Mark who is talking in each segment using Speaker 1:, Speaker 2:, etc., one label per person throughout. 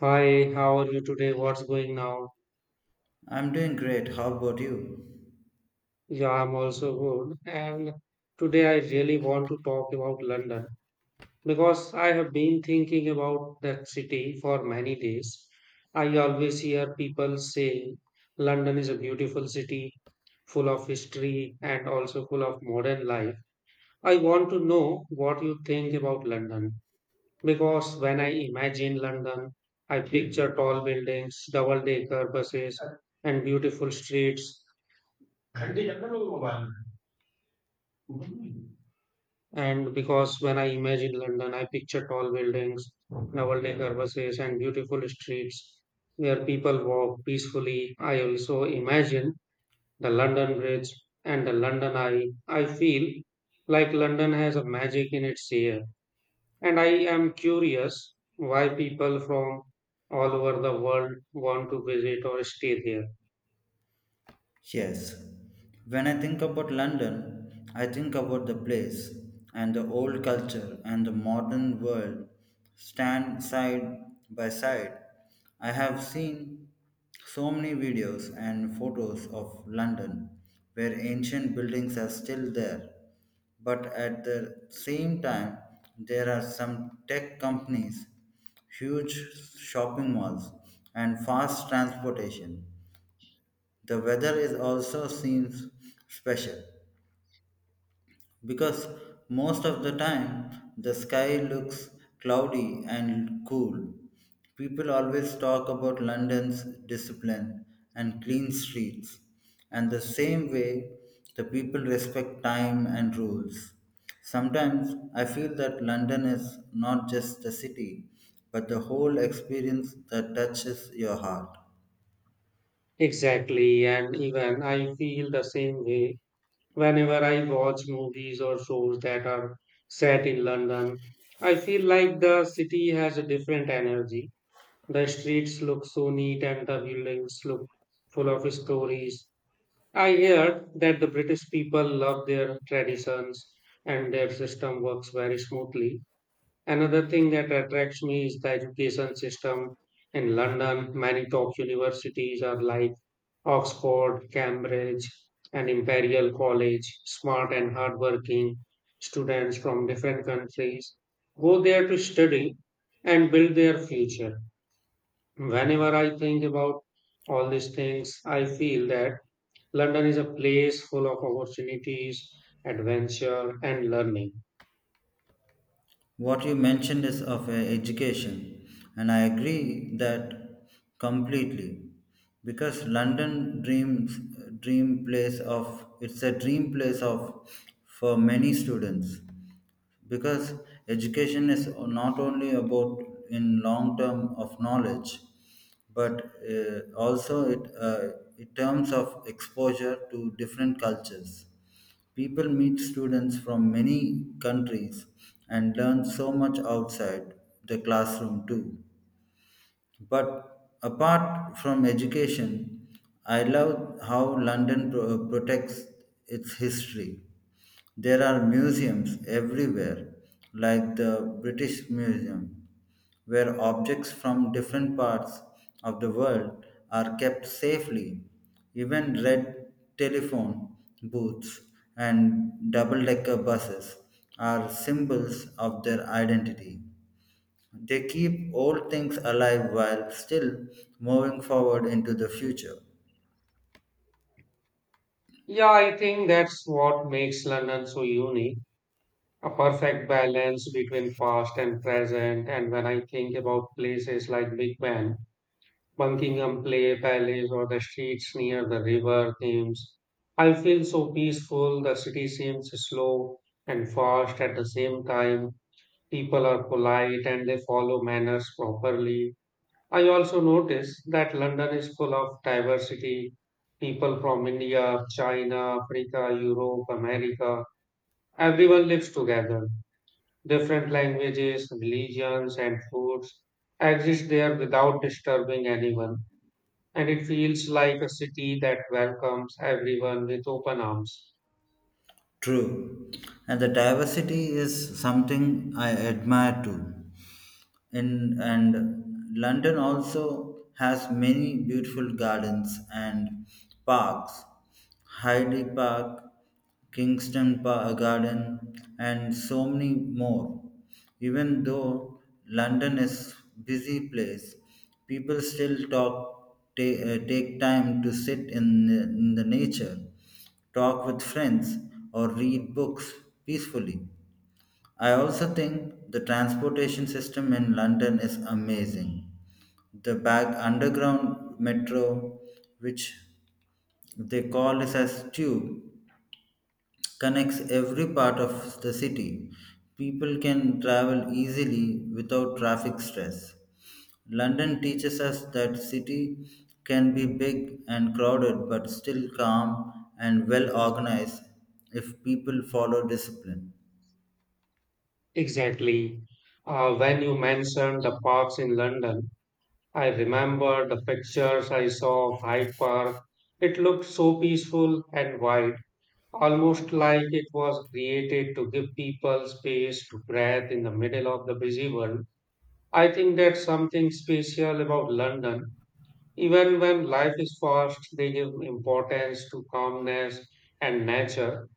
Speaker 1: Hi, how are you today? What's going now?
Speaker 2: I'm doing great. How about you?
Speaker 1: Yeah, I'm also good. And today I really want to talk about London because I have been thinking about that city for many days. I always hear people saying London is a beautiful city, full of history and also full of modern life. I want to know what you think about London because when I imagine London, I picture tall buildings, double-decker buses, and beautiful streets. And because when I imagine London, I picture tall buildings, novelty purposes, and beautiful streets where people walk peacefully. I also imagine the London Bridge and the London Eye. I feel like London has a magic in its air. And I am curious why people from all over the world want to visit or stay there.
Speaker 2: Yes, when I think about London, I think about the place and the old culture and the modern world stand side by side. I have seen so many videos and photos of London where ancient buildings are still there, but at the same time, there are some tech companies, huge shopping malls, and fast transportation. The weather is also seems special because most of the time the sky looks cloudy and cool. People always talk about London's discipline and clean streets, and the same way the people respect time and rules. Sometimes I feel that London is not just the city, but the whole experience that touches your heart.
Speaker 1: Exactly. And even I feel the same way. Whenever I watch movies or shows that are set in London, I feel like the city has a different energy. The streets look so neat and the buildings look full of stories. I heard that the British people love their traditions and their system works very smoothly. Another thing that attracts me is the education system in London. Many top universities are like Oxford, Cambridge, and Imperial College. Smart and hardworking students from different countries go there to study and build their future. Whenever I think about all these things, I feel that London is a place full of opportunities, adventure, and learning.
Speaker 2: What you mentioned is of education, and I agree that completely. Because London dreams dream place of it's a dream place of for many students. Because education is not only about in long term of knowledge, but also it in terms of exposure to different cultures. People meet students from many countries and learn so much outside the classroom too. But apart from education, I love how London protects its history. There are museums everywhere, like the British Museum, where objects from different parts of the world are kept safely. Even red telephone booths and double decker buses are symbols of their identity. They keep old things alive while still moving forward into the future.
Speaker 1: Yeah, I think that's what makes London so unique. A perfect balance between past and present. And when I think about places like Big Ben, Buckingham Play Palace, or the streets near the river Thames, I feel so peaceful. The city seems slow and fast at the same time. People are polite and they follow manners properly. I also notice that London is full of diversity. People from India, China, Africa, Europe, America, everyone lives together. Different languages, religions, and foods exist there without disturbing anyone. And it feels like a city that welcomes everyone with open arms.
Speaker 2: True. And the diversity is something I admire too. In and London also has many beautiful gardens and parks. Hyde Park, Garden, and so many more. Even though London is busy place, people still take time to sit in the nature, talk with friends, or read books peacefully. I also think the transportation system in London is amazing. The back underground metro, which they call it as tube, connects every part of the city. People can travel easily without traffic stress. London teaches us that city can be big and crowded but still calm and well organized if people follow discipline.
Speaker 1: Exactly. When you mentioned the parks in London, I remember the pictures I saw of Hyde Park. It looked so peaceful and wide, almost like it was created to give people space to breathe in the middle of the busy world. I think that's something special about London. Even when life is fast, they give importance to calmness and nature.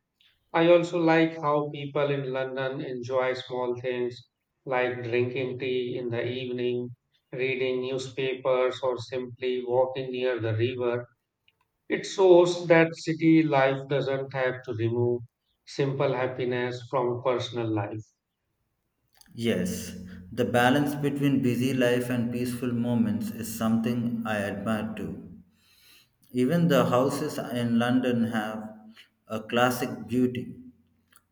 Speaker 1: I also like how people in London enjoy small things like drinking tea in the evening, reading newspapers, or simply walking near the river. It shows that city life doesn't have to remove simple happiness from personal life.
Speaker 2: Yes, the balance between busy life and peaceful moments is something I admire too. Even the houses in London have a classic beauty.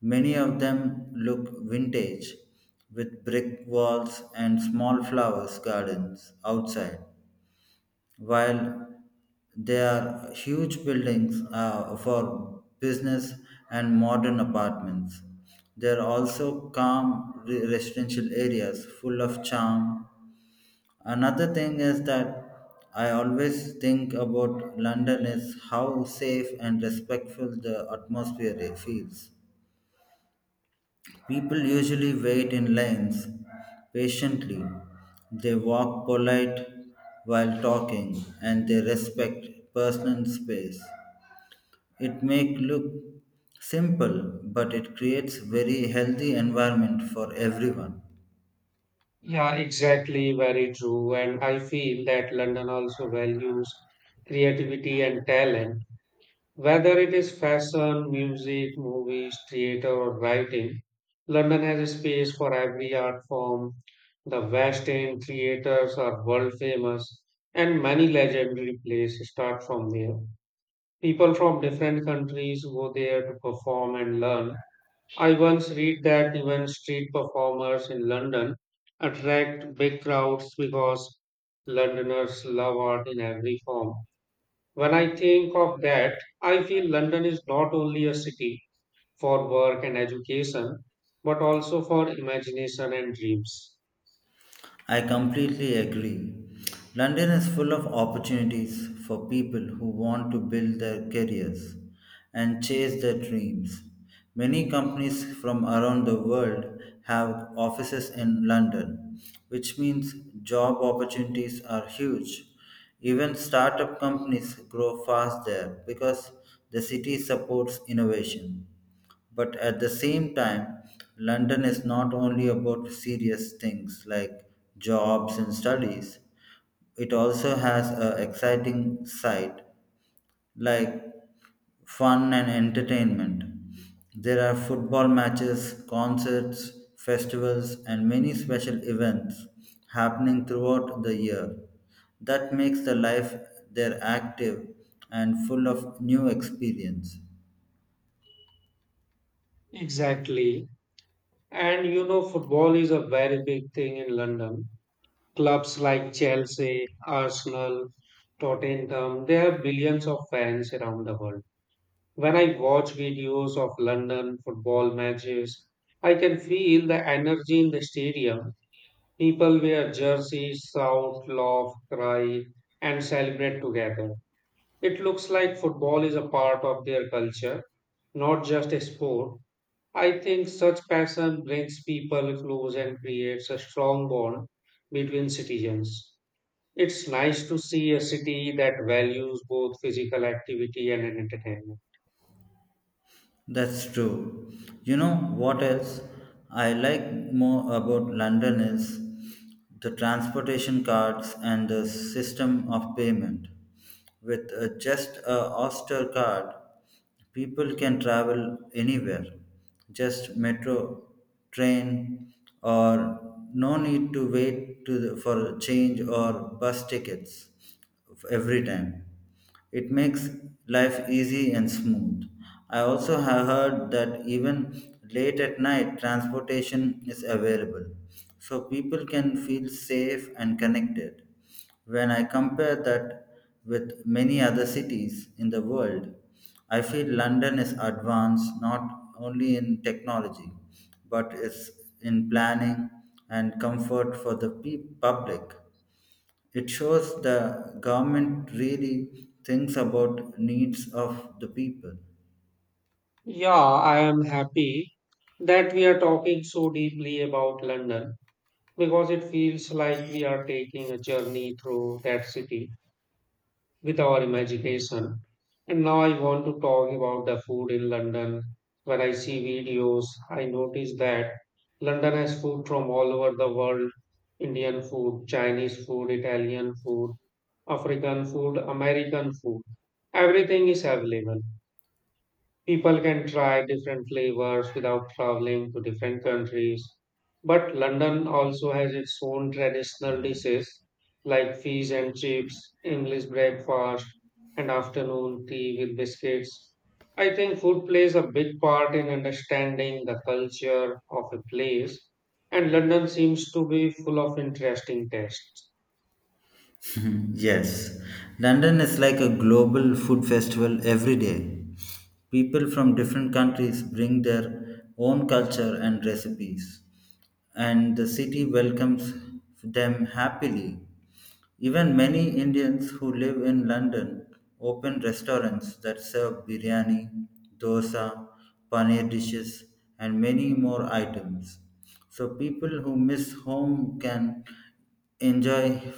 Speaker 2: Many of them look vintage, with brick walls and small flowers gardens outside, while there are huge buildings for business and modern apartments. There are also calm residential areas full of charm. Another thing is that I always think about London is how safe and respectful the atmosphere it feels. People usually wait in lines patiently. They walk polite while talking and they respect personal space. It may look simple, but it creates very healthy environment for everyone.
Speaker 1: Yeah, exactly, very true. And I feel that London also values creativity and talent. Whether it is fashion, music, movies, theater, or writing, London has a space for every art form. The West End creators are world famous, and many legendary plays start from there. People from different countries go there to perform and learn. I once read that even street performers in London attract big crowds because Londoners love art in every form. When I think of that, I feel London is not only a city for work and education, but also for imagination and dreams.
Speaker 2: I completely agree. London is full of opportunities for people who want to build their careers and chase their dreams. Many companies from around the world have offices in London, which means job opportunities are huge. Even startup companies grow fast there because the city supports innovation. But at the same time, London is not only about serious things like jobs and studies, it also has an exciting side like fun and entertainment. There are football matches, concerts, festivals, and many special events happening throughout the year. That makes the life there active and full of new experience.
Speaker 1: Exactly. And you know, football is a very big thing in London. Clubs like Chelsea, Arsenal, Tottenham, they have billions of fans around the world. When I watch videos of London football matches, I can feel the energy in the stadium. People wear jerseys, shout, laugh, cry, and celebrate together. It looks like football is a part of their culture, not just a sport. I think such passion brings people close and creates a strong bond between citizens. It's nice to see a city that values both physical activity and entertainment.
Speaker 2: That's true. You know what else I like more about London is the transportation cards and the system of payment. With just a Oyster card, people can travel anywhere. Just metro, train, or no need to wait for change or bus tickets every time. It makes life easy and smooth. I also have heard that even late at night, transportation is available, so people can feel safe and connected. When I compare that with many other cities in the world, I feel London is advanced not only in technology, but it's in planning and comfort for the public. It shows the government really thinks about needs of the people.
Speaker 1: Yeah, I am happy that we are talking so deeply about London because it feels like we are taking a journey through that city with our imagination. And now I want to talk about the food in London. When I see videos, I notice that London has food from all over the world: Indian food, Chinese food, Italian food, African food, American food. Everything is available. People can try different flavors without traveling to different countries. But London also has its own traditional dishes like fish and chips, English breakfast, and afternoon tea with biscuits. I think food plays a big part in understanding the culture of a place, and London seems to be full of interesting tastes.
Speaker 2: Yes, London is like a global food festival every day. People from different countries bring their own culture and recipes, and the city welcomes them happily. Even many Indians who live in London open restaurants that serve biryani, dosa, paneer dishes, and many more items. So people who miss home can enjoy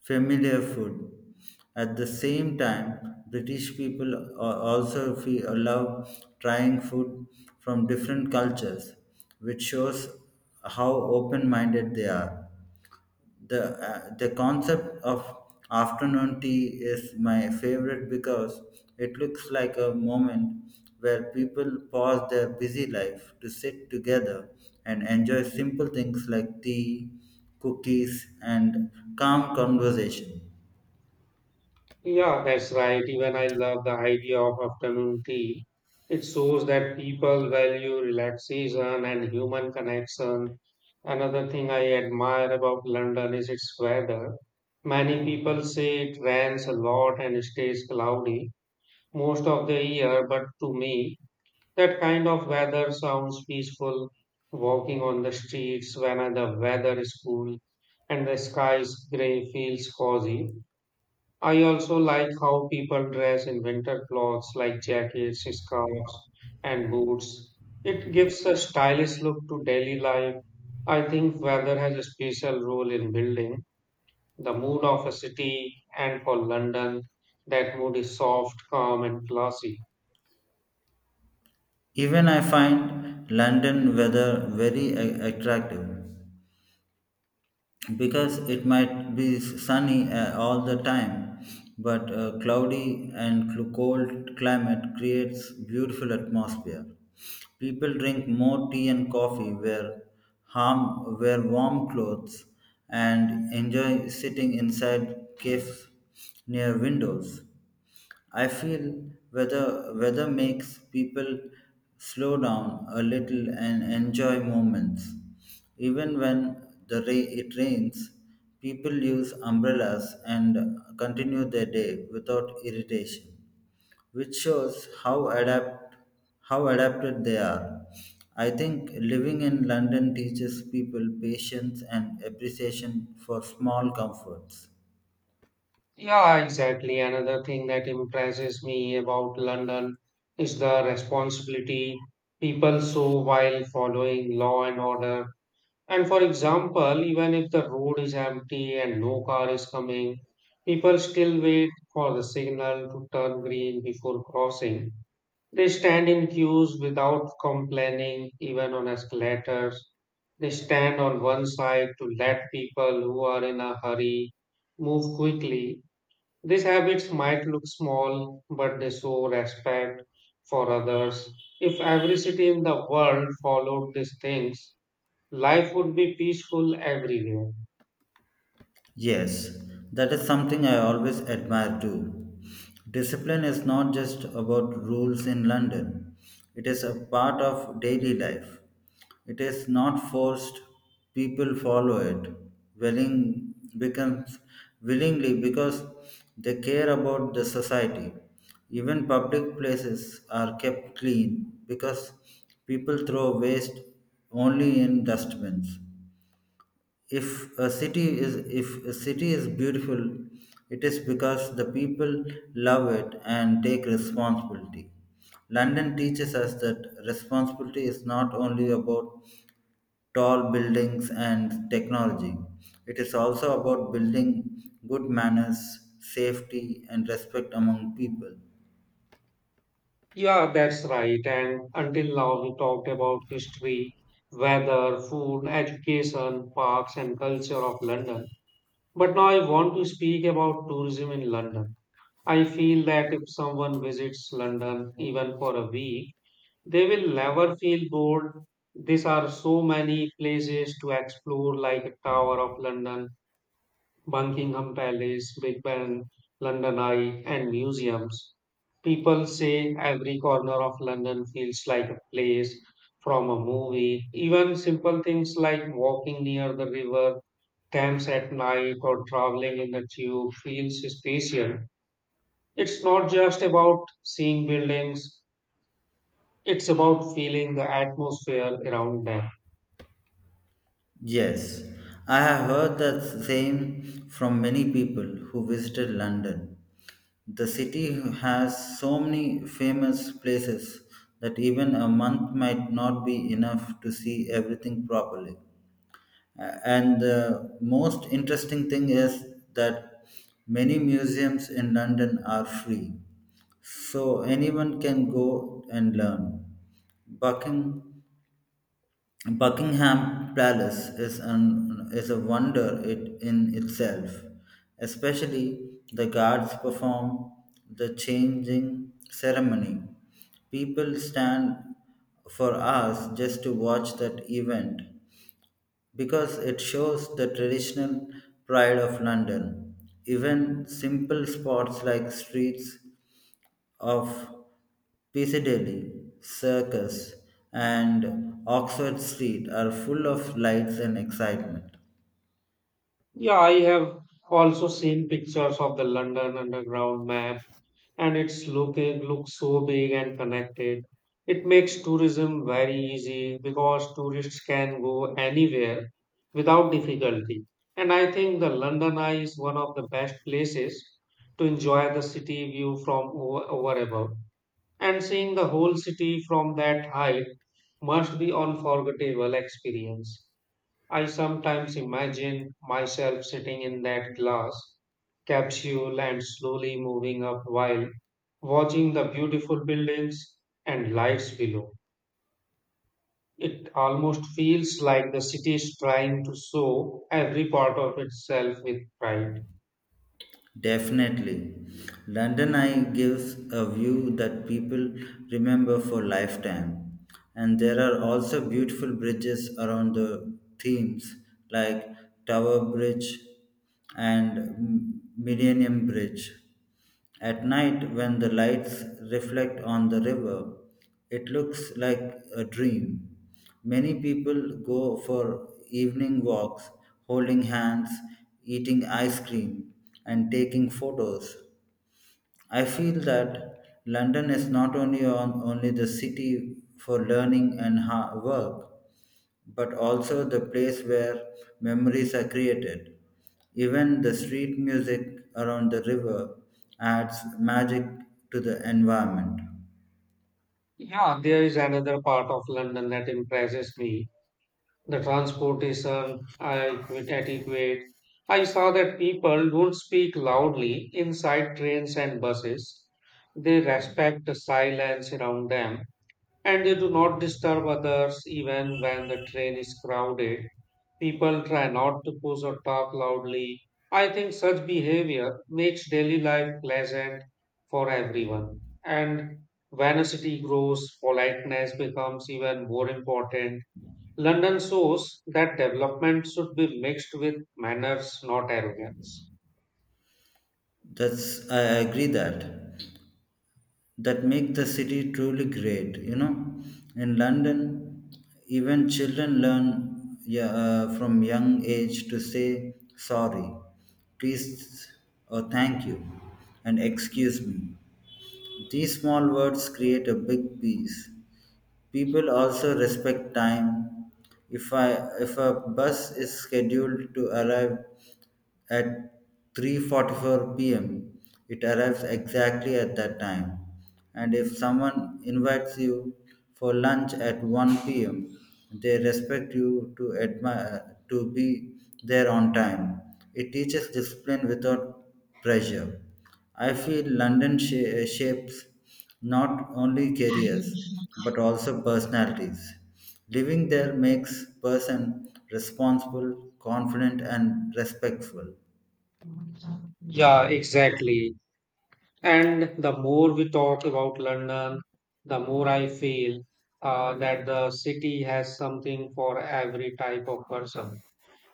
Speaker 2: familiar food. At the same time, British people also love trying food from different cultures, which shows how open minded they are. The, the concept of afternoon tea is my favorite because it looks like a moment where people pause their busy life to sit together and enjoy simple things like tea, cookies, and calm conversation.
Speaker 1: Yeah, that's right. Even I love the idea of afternoon tea. It shows that people value relaxation and human connection. Another thing I admire about London is its weather. Many people say it rains a lot and stays cloudy most of the year, but to me, that kind of weather sounds peaceful. Walking on the streets when the weather is cool and the sky is gray feels cozy. I also like how people dress in winter clothes like jackets, scarves, and boots. It gives a stylish look to daily life. I think weather has a special role in building the mood of a city, and for London, that mood is soft, calm, and classy.
Speaker 2: Even I find London weather very attractive because it might be sunny all the time, but a cloudy and cold climate creates beautiful atmosphere. People drink more tea and coffee, wear warm clothes, and enjoy sitting inside cafes near windows. I feel weather weather makes people slow down a little and enjoy moments. Even when it rains, people use umbrellas and continue their day without irritation, which shows how adapted they are. I think living in London teaches people patience and appreciation for small comforts.
Speaker 1: Yeah, exactly. Another thing that impresses me about London is the responsibility people show while following law and order. And for example, even if the road is empty and no car is coming, people still wait for the signal to turn green before crossing. They stand in queues without complaining, even on escalators. They stand on one side to let people who are in a hurry move quickly. These habits might look small, but they show respect for others. If every city in the world followed these things, life would be peaceful everywhere.
Speaker 2: Yes, that is something I always admire too. Discipline is not just about rules in London, it is a part of daily life. It is not forced, people follow it willing becomes willingly because they care about the society. Even public places are kept clean because people throw waste only in dustbins. If a city is if a city is beautiful, it is because the people love it and take responsibility. London teaches us that responsibility is not only about tall buildings and technology, it is also about building good manners, safety and respect among people.
Speaker 1: Yeah, that's right. And until now, we talked about history, weather, food, education, parks, and culture of London. But now I want to speak about tourism in London. I feel that if someone visits London, even for a week, they will never feel bored. There are so many places to explore, like Tower of London, Buckingham Palace, Big Ben, London Eye, and museums. People say every corner of London feels like a place from a movie. Even simple things like walking near the river Thames at night or traveling in the tube feels special. It's not just about seeing buildings, it's about feeling the atmosphere around them.
Speaker 2: Yes, I have heard that same from many people who visited London. The city has so many famous places that even a month might not be enough to see everything properly. And the most interesting thing is that many museums in London are free, so anyone can go and learn. Buckingham Buckingham Palace is a wonder it in itself, especially the guards perform the changing ceremony. People stand for hours just to watch that event because it shows the traditional pride of London. Even simple spots like streets of Piccadilly, Circus, and Oxford Street are full of lights and excitement.
Speaker 1: Yeah, I have also seen pictures of the London Underground map, and it's looking looks so big and connected. It makes tourism very easy because tourists can go anywhere without difficulty. And I think the London Eye is one of the best places to enjoy the city view from over above. And seeing the whole city from that height must be unforgettable experience. I sometimes imagine myself sitting in that glass capsule and slowly moving up while watching the beautiful buildings and lights below. It almost feels like the city is trying to show every part of itself with pride.
Speaker 2: Definitely. London Eye gives a view that people remember for lifetime. And there are also beautiful bridges around the themes like Tower Bridge and Millennium Bridge. At night, when the lights reflect on the river, it looks like a dream. Many people go for evening walks, holding hands, eating ice cream, and taking photos. I feel that London is not only on, only the city for learning and work, but also the place where memories are created. Even the street music around the river adds magic to the environment.
Speaker 1: Yeah, there is another part of London that impresses me, the transportation. I adequate. I saw that people don't speak loudly inside trains and buses. They respect the silence around them and they do not disturb others even when the train is crowded. People try not to push or talk loudly. I think such behavior makes daily life pleasant for everyone. And when a city grows, politeness becomes even more important. London shows that development should be mixed with manners, not arrogance.
Speaker 2: That's I agree that that make the city truly great. You know, in London, even children learn, yeah, from young age to say sorry, please, or thank you, and excuse me. These small words create a big peace. People also respect time. If I if a bus is scheduled to arrive at 3:44 p.m. It arrives exactly at that time. And if someone invites you for lunch at 1 p.m., they respect you to admire to be there on time. It teaches discipline without pressure. I feel London shapes not only careers but also personalities. Living there makes person responsible, confident and respectful.
Speaker 1: Yeah, exactly. And the more we talk about London, the more I feel that the city has something for every type of person.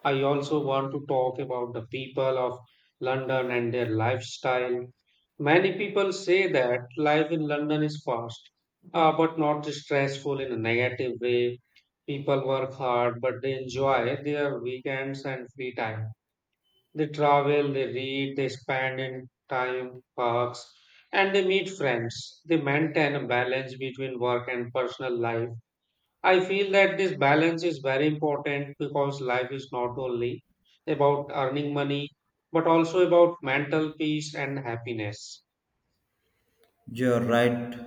Speaker 1: I also want to talk about the people of London and their lifestyle. Many people say that life in London is fast, but not stressful in a negative way. People work hard, but they enjoy their weekends and free time. They travel, they read, they spend in time parks, and they meet friends. They maintain a balance between work and personal life. I feel that this balance is very important because life is not only about earning money, but also about mental peace and happiness.
Speaker 2: You're right.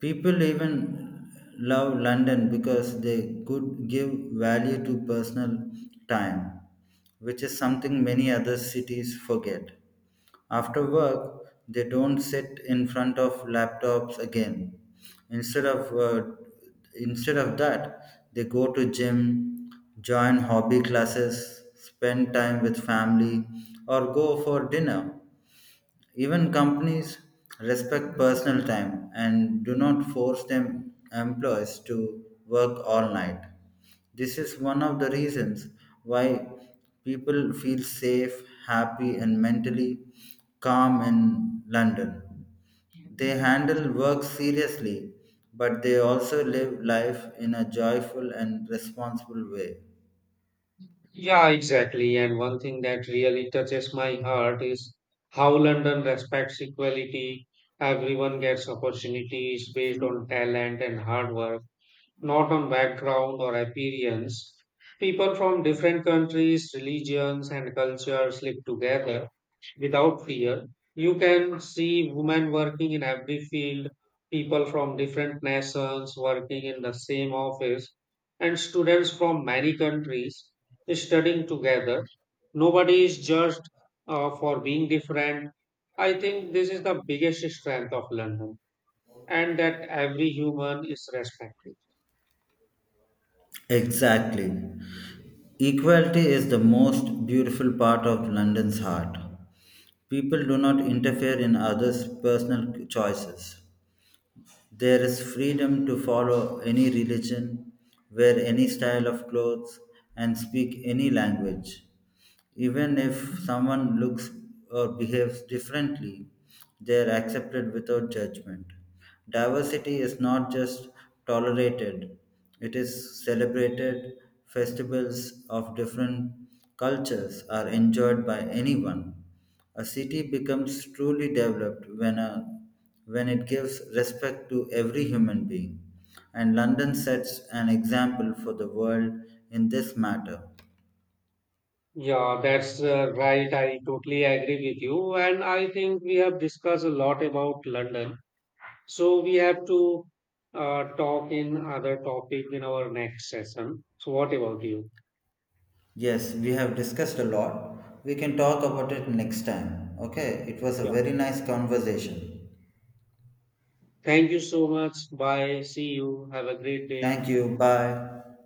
Speaker 2: People even love London because they could give value to personal time, which is something many other cities forget. After work, they don't sit in front of laptops again. Instead of uh, Instead of that, they go to gym, join hobby classes, spend time with family, or go for dinner. Even companies respect personal time and do not force them employees to work all night. This is one of the reasons why people feel safe, happy, and mentally calm in London. They handle work seriously, but they also live life in a joyful and responsible way.
Speaker 1: Yeah, exactly. And one thing that really touches my heart is how London respects equality. Everyone gets opportunities based on talent and hard work, not on background or appearance. People from different countries, religions, and cultures live together without fear. You can see women working in every field, people from different nations working in the same office, and students from many countries studying together. Nobody is judged for being different. I think this is the biggest strength of London, and that every human is respected.
Speaker 2: Exactly. Equality is the most beautiful part of London's heart. People do not interfere in others' personal choices. There is freedom to follow any religion, wear any style of clothes, and speak any language. Even if someone looks or behaves differently, they are accepted without judgment. Diversity is not just tolerated, it is celebrated. Festivals of different cultures are enjoyed by anyone. A city becomes truly developed when it gives respect to every human being, and London sets an example for the world in this matter.
Speaker 1: Yeah, that's right. I totally agree with you. And I think we have discussed a lot about London. So we have to talk in other topic in our next session. So what about you?
Speaker 2: Yes, we have discussed a lot. We can talk about it next time. Okay, it was a
Speaker 1: Yeah.
Speaker 2: very nice conversation.
Speaker 1: Thank you so much. Bye. See you. Have a great day.
Speaker 2: Thank you. Bye.